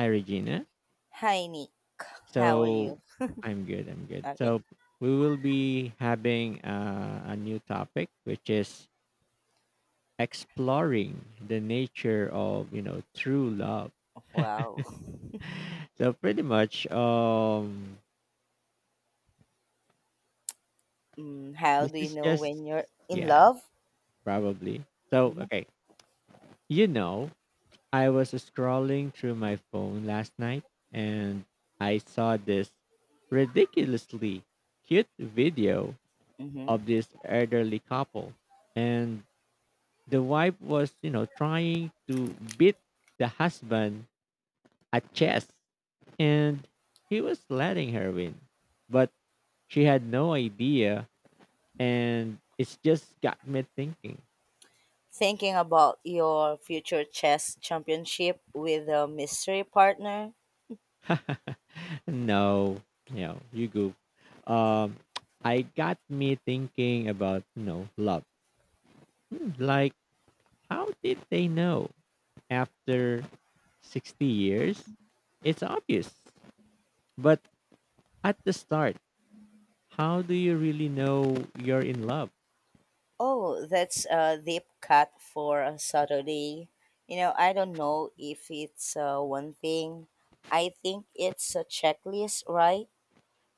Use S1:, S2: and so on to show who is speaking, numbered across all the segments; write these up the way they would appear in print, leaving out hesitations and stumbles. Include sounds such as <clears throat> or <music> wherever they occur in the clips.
S1: Hi, Regina.
S2: Hi, Nick. How are
S1: So
S2: you?
S1: I'm good. I'm good.
S2: Okay.
S1: So we will be having a new topic, which is exploring the nature of true love.
S2: Wow. <laughs>
S1: So pretty much,
S2: Mm, how
S1: this
S2: do you
S1: is
S2: know
S1: just
S2: when you're in
S1: yeah,
S2: love?
S1: probably. So
S2: Hmm
S1: okay, you know, I was scrolling through my phone last night, and I saw this ridiculously cute video
S2: hmm
S1: of this elderly couple, and the wife was, trying to beat the husband at chess and he was letting her win. But she had no idea and it's just got me thinking.
S2: Thinking about your future chess championship with a mystery partner?
S1: <laughs> No, you know, you goof. Um I got me thinking about, you know, love. Hmm. Like how did they know after 60 years? It's obvious. But at the start, how do you really know you're in love?
S2: Oh, that's a deep cut for a Saturday. You know, I don't know if it's one thing. I think it's a checklist, right?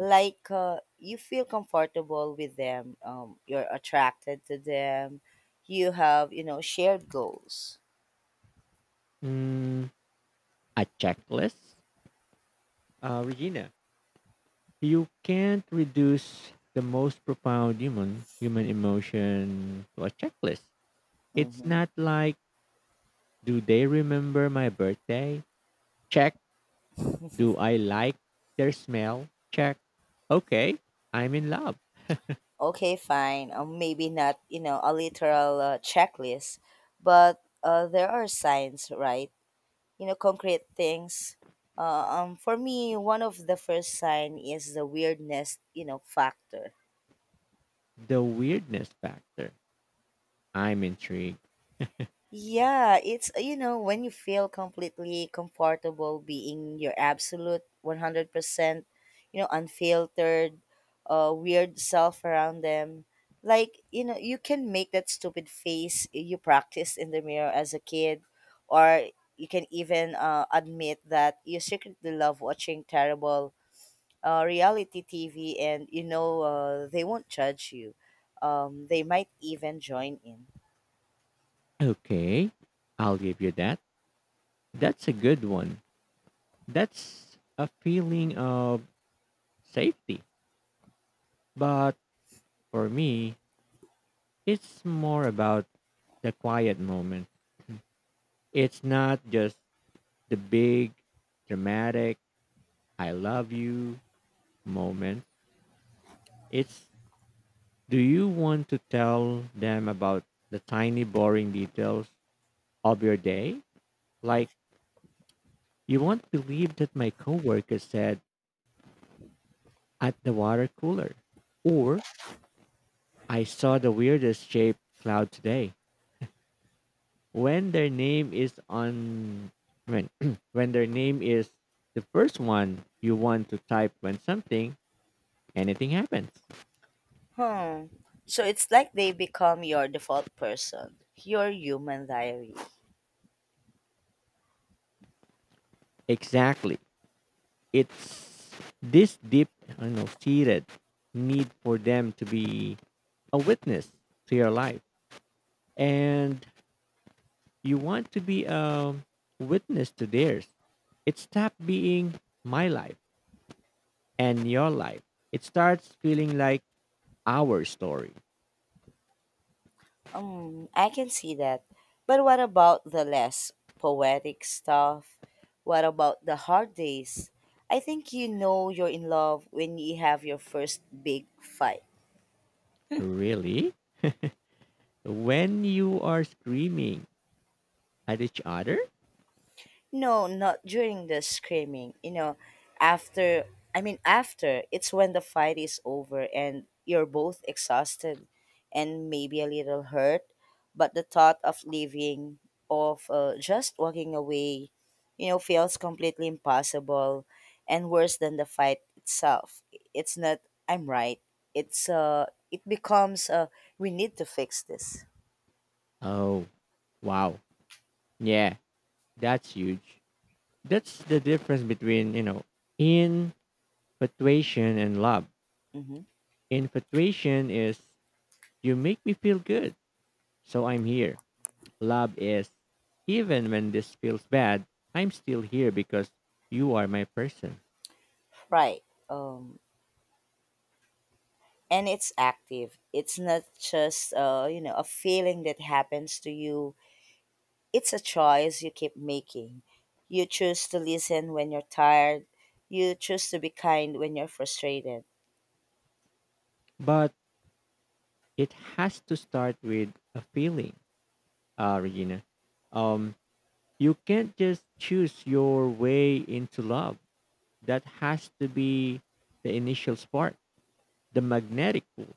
S2: Like you feel comfortable with them, you're attracted to them, you have you know shared goals.
S1: Mm, a checklist? Regina, you can't reduce the most profound human emotion to a checklist. It's
S2: Hmm
S1: not like, do they remember my birthday? Check. Do I like their smell? Check. Okay, I'm in love.
S2: okay, fine, maybe not you know a literal checklist, but there are signs, right? You know, concrete things. For me, one of the first sign is the weirdness you know factor.
S1: The weirdness factor. I'm intrigued.
S2: Yeah, it's you know when you feel completely comfortable being your absolute 100%, you know, unfiltered, weird self around them. Like, you know, you can make that stupid face you practiced in the mirror as a kid, or you can even admit that you secretly love watching terrible reality TV, and you know they won't judge you. They might even join in.
S1: Okay, I'll give you that. That's a good one. That's a feeling of safety. But for me, it's more about the quiet moment. <clears throat> It's not just the big, dramatic, I love you moment. It's, do you want to tell them about the tiny, boring details of your day? Like, you won't believe that my coworker said at the water cooler, or I saw the weirdest shaped cloud today. When their name is on, when <clears throat> when their name is the first one you want to type when something, anything happens.
S2: Hmm. So it's like they become your default person, your human diary.
S1: Exactly. It's this deep, I don't know, seated need for them to be a witness to your life, and you want to be a witness to theirs. It stopped being my life and your life. It starts feeling like our story.
S2: I can see that. But what about the less poetic stuff? What about the hard days? I think you know you're in love when you have your first big fight.
S1: Really? When you are screaming at each other?
S2: No, not during the screaming. You know, after, I mean, after, it's when the fight is over and you're both exhausted and maybe a little hurt. But the thought of leaving, of just walking away, you know, feels completely impossible and worse than the fight itself. It's not, I'm right. It becomes we need to fix this.
S1: Oh, wow. Yeah, that's huge. That's the difference between, you know, infatuation and love.
S2: Mm-hmm.
S1: Infatuation is, you make me feel good, so I'm here. Love is, even when this feels bad, I'm still here because you are my person.
S2: Right. Um, and it's active. It's not just you know a feeling that happens to you. It's a choice you keep making. You choose to listen when you're tired. You choose to be kind when you're frustrated.
S1: But it has to start with a feeling, Regina. Um, you can't just choose your way into love. That has to be the initial spark, the magnetic pull.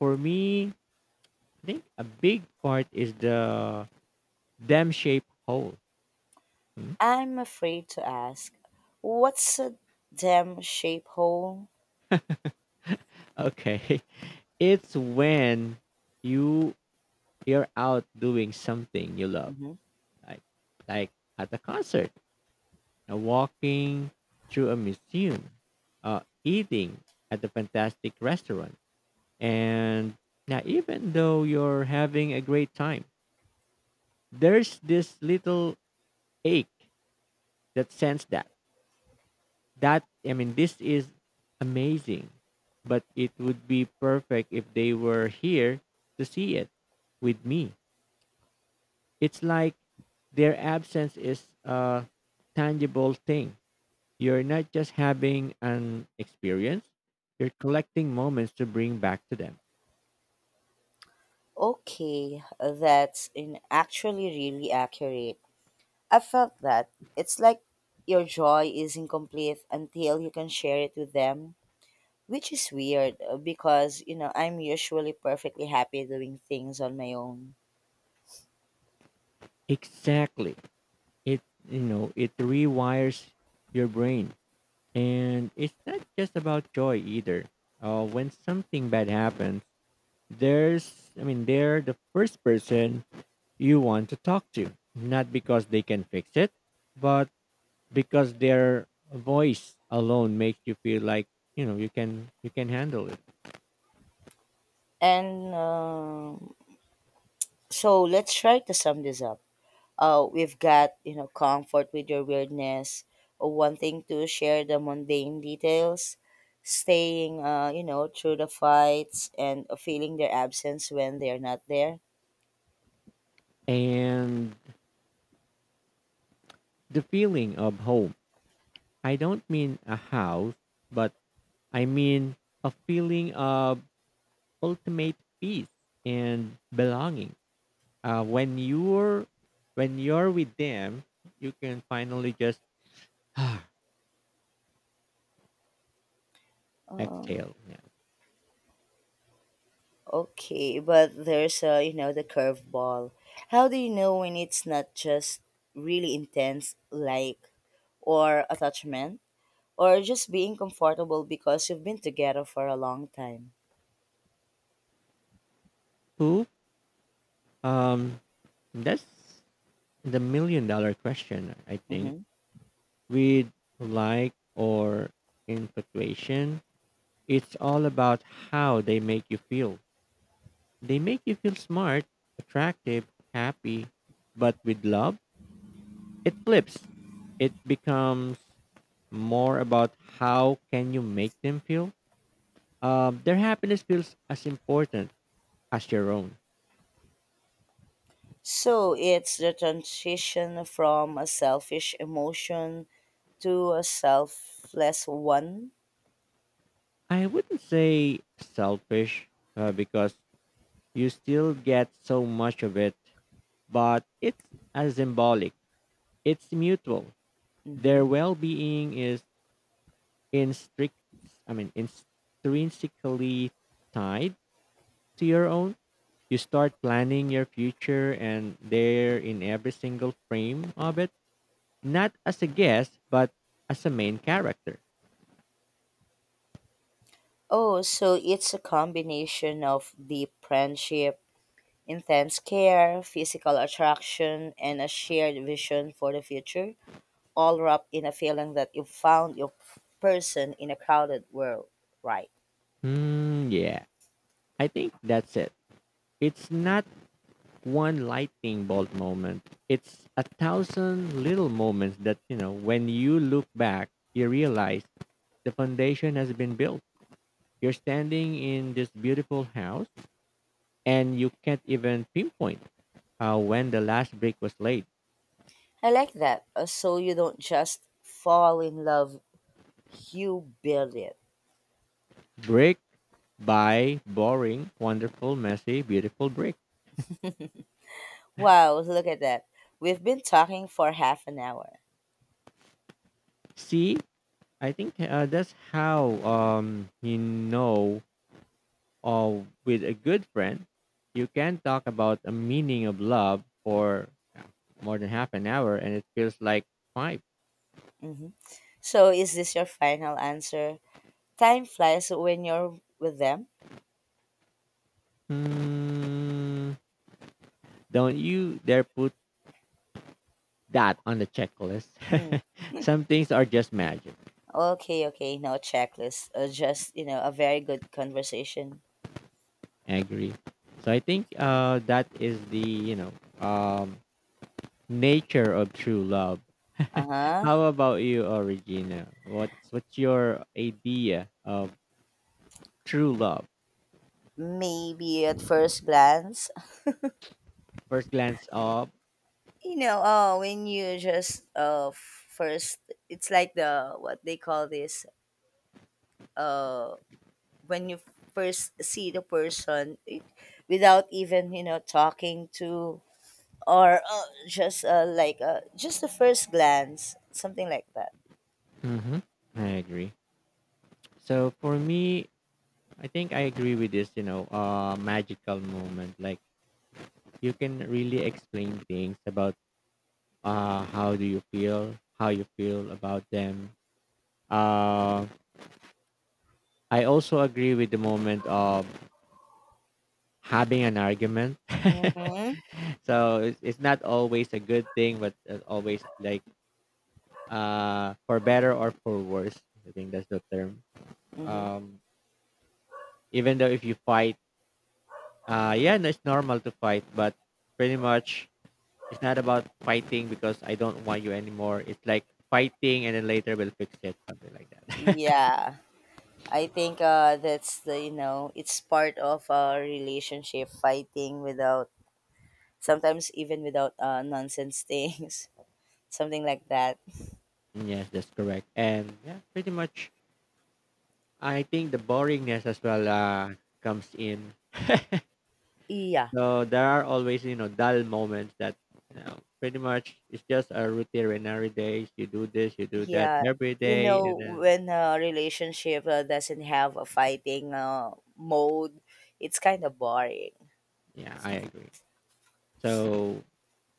S1: For me, I think a big part is the dam shaped hole. Hmm?
S2: I'm afraid to ask, what's a damn shape hole?
S1: Okay. <laughs> It's when you you're out doing something you love.
S2: Hmm
S1: Like like at a concert, walking through a museum, eating at a fantastic restaurant. And now even though you're having a great time, there's this little ache, that sense that, that, I mean, this is amazing, but it would be perfect if they were here to see it with me. It's like their absence is a tangible thing. You're not just having an experience, you're collecting moments to bring back to them.
S2: Okay, that's in actually really accurate. I felt that. It's like your joy is incomplete until you can share it with them. Which is weird because, you know, I'm usually perfectly happy doing things on my own.
S1: Exactly. It, you know, it rewires your brain. And it's not just about joy either. When something bad happens, there's, I mean, they're the first person you want to talk to, not because they can fix it, but because their voice alone makes you feel like, you know, you can handle it.
S2: And so let's try to sum this up. We've got, you know, comfort with your weirdness, wanting to share the mundane details, staying, you know, through the fights, and feeling their absence when they're not there.
S1: And the feeling of home. I don't mean a house, but I mean a feeling of ultimate peace and belonging. Uh, when you're when you're with them, you can finally just <sighs>
S2: Oh,
S1: exhale. Yeah.
S2: okay. But there's a, you know, the curveball. How do you know when it's not just really intense, like, or attachment, or just being comfortable because you've been together for a long time.
S1: Who? Um, that's the million-dollar question, I think.
S2: Mhm.
S1: With like or infatuation, it's all about how they make you feel. They make you feel smart, attractive, happy, but with love, it flips. It becomes more about how can you make them feel. Their happiness feels as important as your own.
S2: So it's the transition from a selfish emotion to a selfless one.
S1: I wouldn't say selfish because you still get so much of it, but it's as symbolic. It's mutual.
S2: Hmm
S1: Their well-being is instrict, I mean, intrinsically tied to your own. You start planning your future, and they're in every single frame of it, not as a guest, but as a main character.
S2: Oh, so it's a combination of deep friendship, intense care, physical attraction, and a shared vision for the future, all wrapped in a feeling that you found your person in a crowded world, right?
S1: Hmm. Yeah, I think that's it. It's not one lightning bolt moment. It's a thousand little moments that, you know, when you look back, you realize the foundation has been built. You're standing in this beautiful house and you can't even pinpoint when the last brick was laid.
S2: I like that. So you don't just fall in love, you build it.
S1: Brick by boring, wonderful, messy, beautiful brick.
S2: Wow, look at that. We've been talking for half an hour.
S1: See, I think that's how you know, with a good friend, you can talk about a meaning of love for more than half an hour and it feels like five.
S2: Hmm So is this your final answer? Time flies when you're with them?
S1: Hmm. Don't you dare put that on the
S2: Hmm.
S1: checklist. <laughs> Some things are just magic.
S2: Okay, okay, no checklist. Just, you know, a very good conversation.
S1: I agree. So I think that is the, you know, um, nature of true love.
S2: Uh
S1: <laughs>
S2: huh.
S1: How about you, Regina? What's your idea of true love?
S2: Maybe at first glance.
S1: First glance of.
S2: You know, oh, when you just, first, it's like the, what they call this, when you first see the person it, without even you know talking to, or just like just the first glance, something like that.
S1: Mm-hmm. I agree. So for me, I think I agree with this. You know, magical moment like you can really explain things about how you feel about them. Uh, I also agree with the moment of having an argument.
S2: Mm-hmm.
S1: <laughs> So it's not always a good thing, but always like for better or for worse. I think that's the term.
S2: Mm-hmm.
S1: Um, even though if you fight, yeah, no, it's normal to fight, but pretty much it's not about fighting because I don't want you anymore. It's like fighting and then later we'll fix it, something like that.
S2: Yeah, I think that's the you know it's part of a relationship, fighting without sometimes even without nonsense things, <laughs> something like that.
S1: <laughs> Yes, that's correct. And yeah, pretty much I think the boringness as well comes in.
S2: Yeah.
S1: So there are always, you know, dull moments that, you know, pretty much it's just a routine and every day you do this, you do that
S2: Yeah,
S1: every
S2: you
S1: day
S2: know,
S1: and then
S2: when a relationship doesn't have a fighting mode, it's kind of boring.
S1: yeah, I agree. So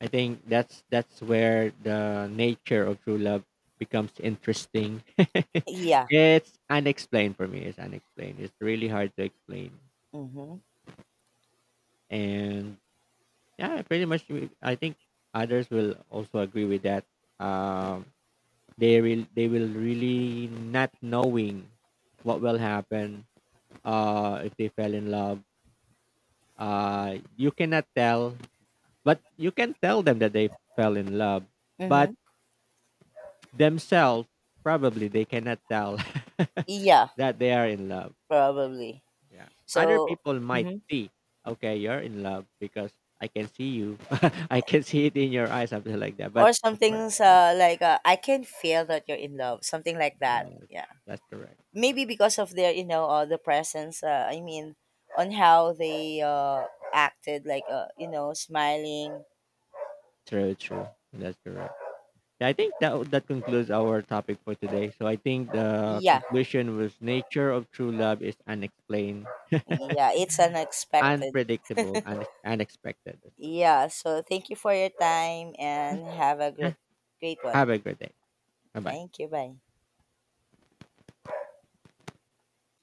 S1: I think that's where the nature of true love becomes interesting. <laughs>
S2: Yeah.
S1: It's unexplained for me. It's unexplained. It's really hard to explain.
S2: Mm-hmm.
S1: And yeah, pretty much I think others will also agree with that. Um they will really not knowing what will happen if they fell in love. Uh, you cannot tell, but you can tell them that they fell in love. But
S2: Mm-hmm.
S1: themselves probably they cannot tell <laughs>
S2: Yeah,
S1: that they are in love.
S2: probably.
S1: Yeah, other
S2: So,
S1: people might
S2: hmm
S1: see, okay, you're in love because I can see you <laughs> I can see it in your eyes, something like that, but
S2: or
S1: of course,
S2: something's
S1: yeah,
S2: like I can feel that you're in love, something like
S1: and,
S2: that. Yeah,
S1: that's correct.
S2: maybe because of their, you know, the presence. I mean, on how they acted, like you know, smiling.
S1: True. That's correct. Yeah, I think that that concludes our topic for today. So I think the
S2: Yeah,
S1: conclusion was, nature of true love is unexplained,
S2: yeah, it's unexpected.
S1: unpredictable and unexpected. That's correct.
S2: Yeah, so thank you for your time and have a
S1: Yeah,
S2: good great
S1: have
S2: one.
S1: a good day. Bye bye.
S2: Thank you. Bye.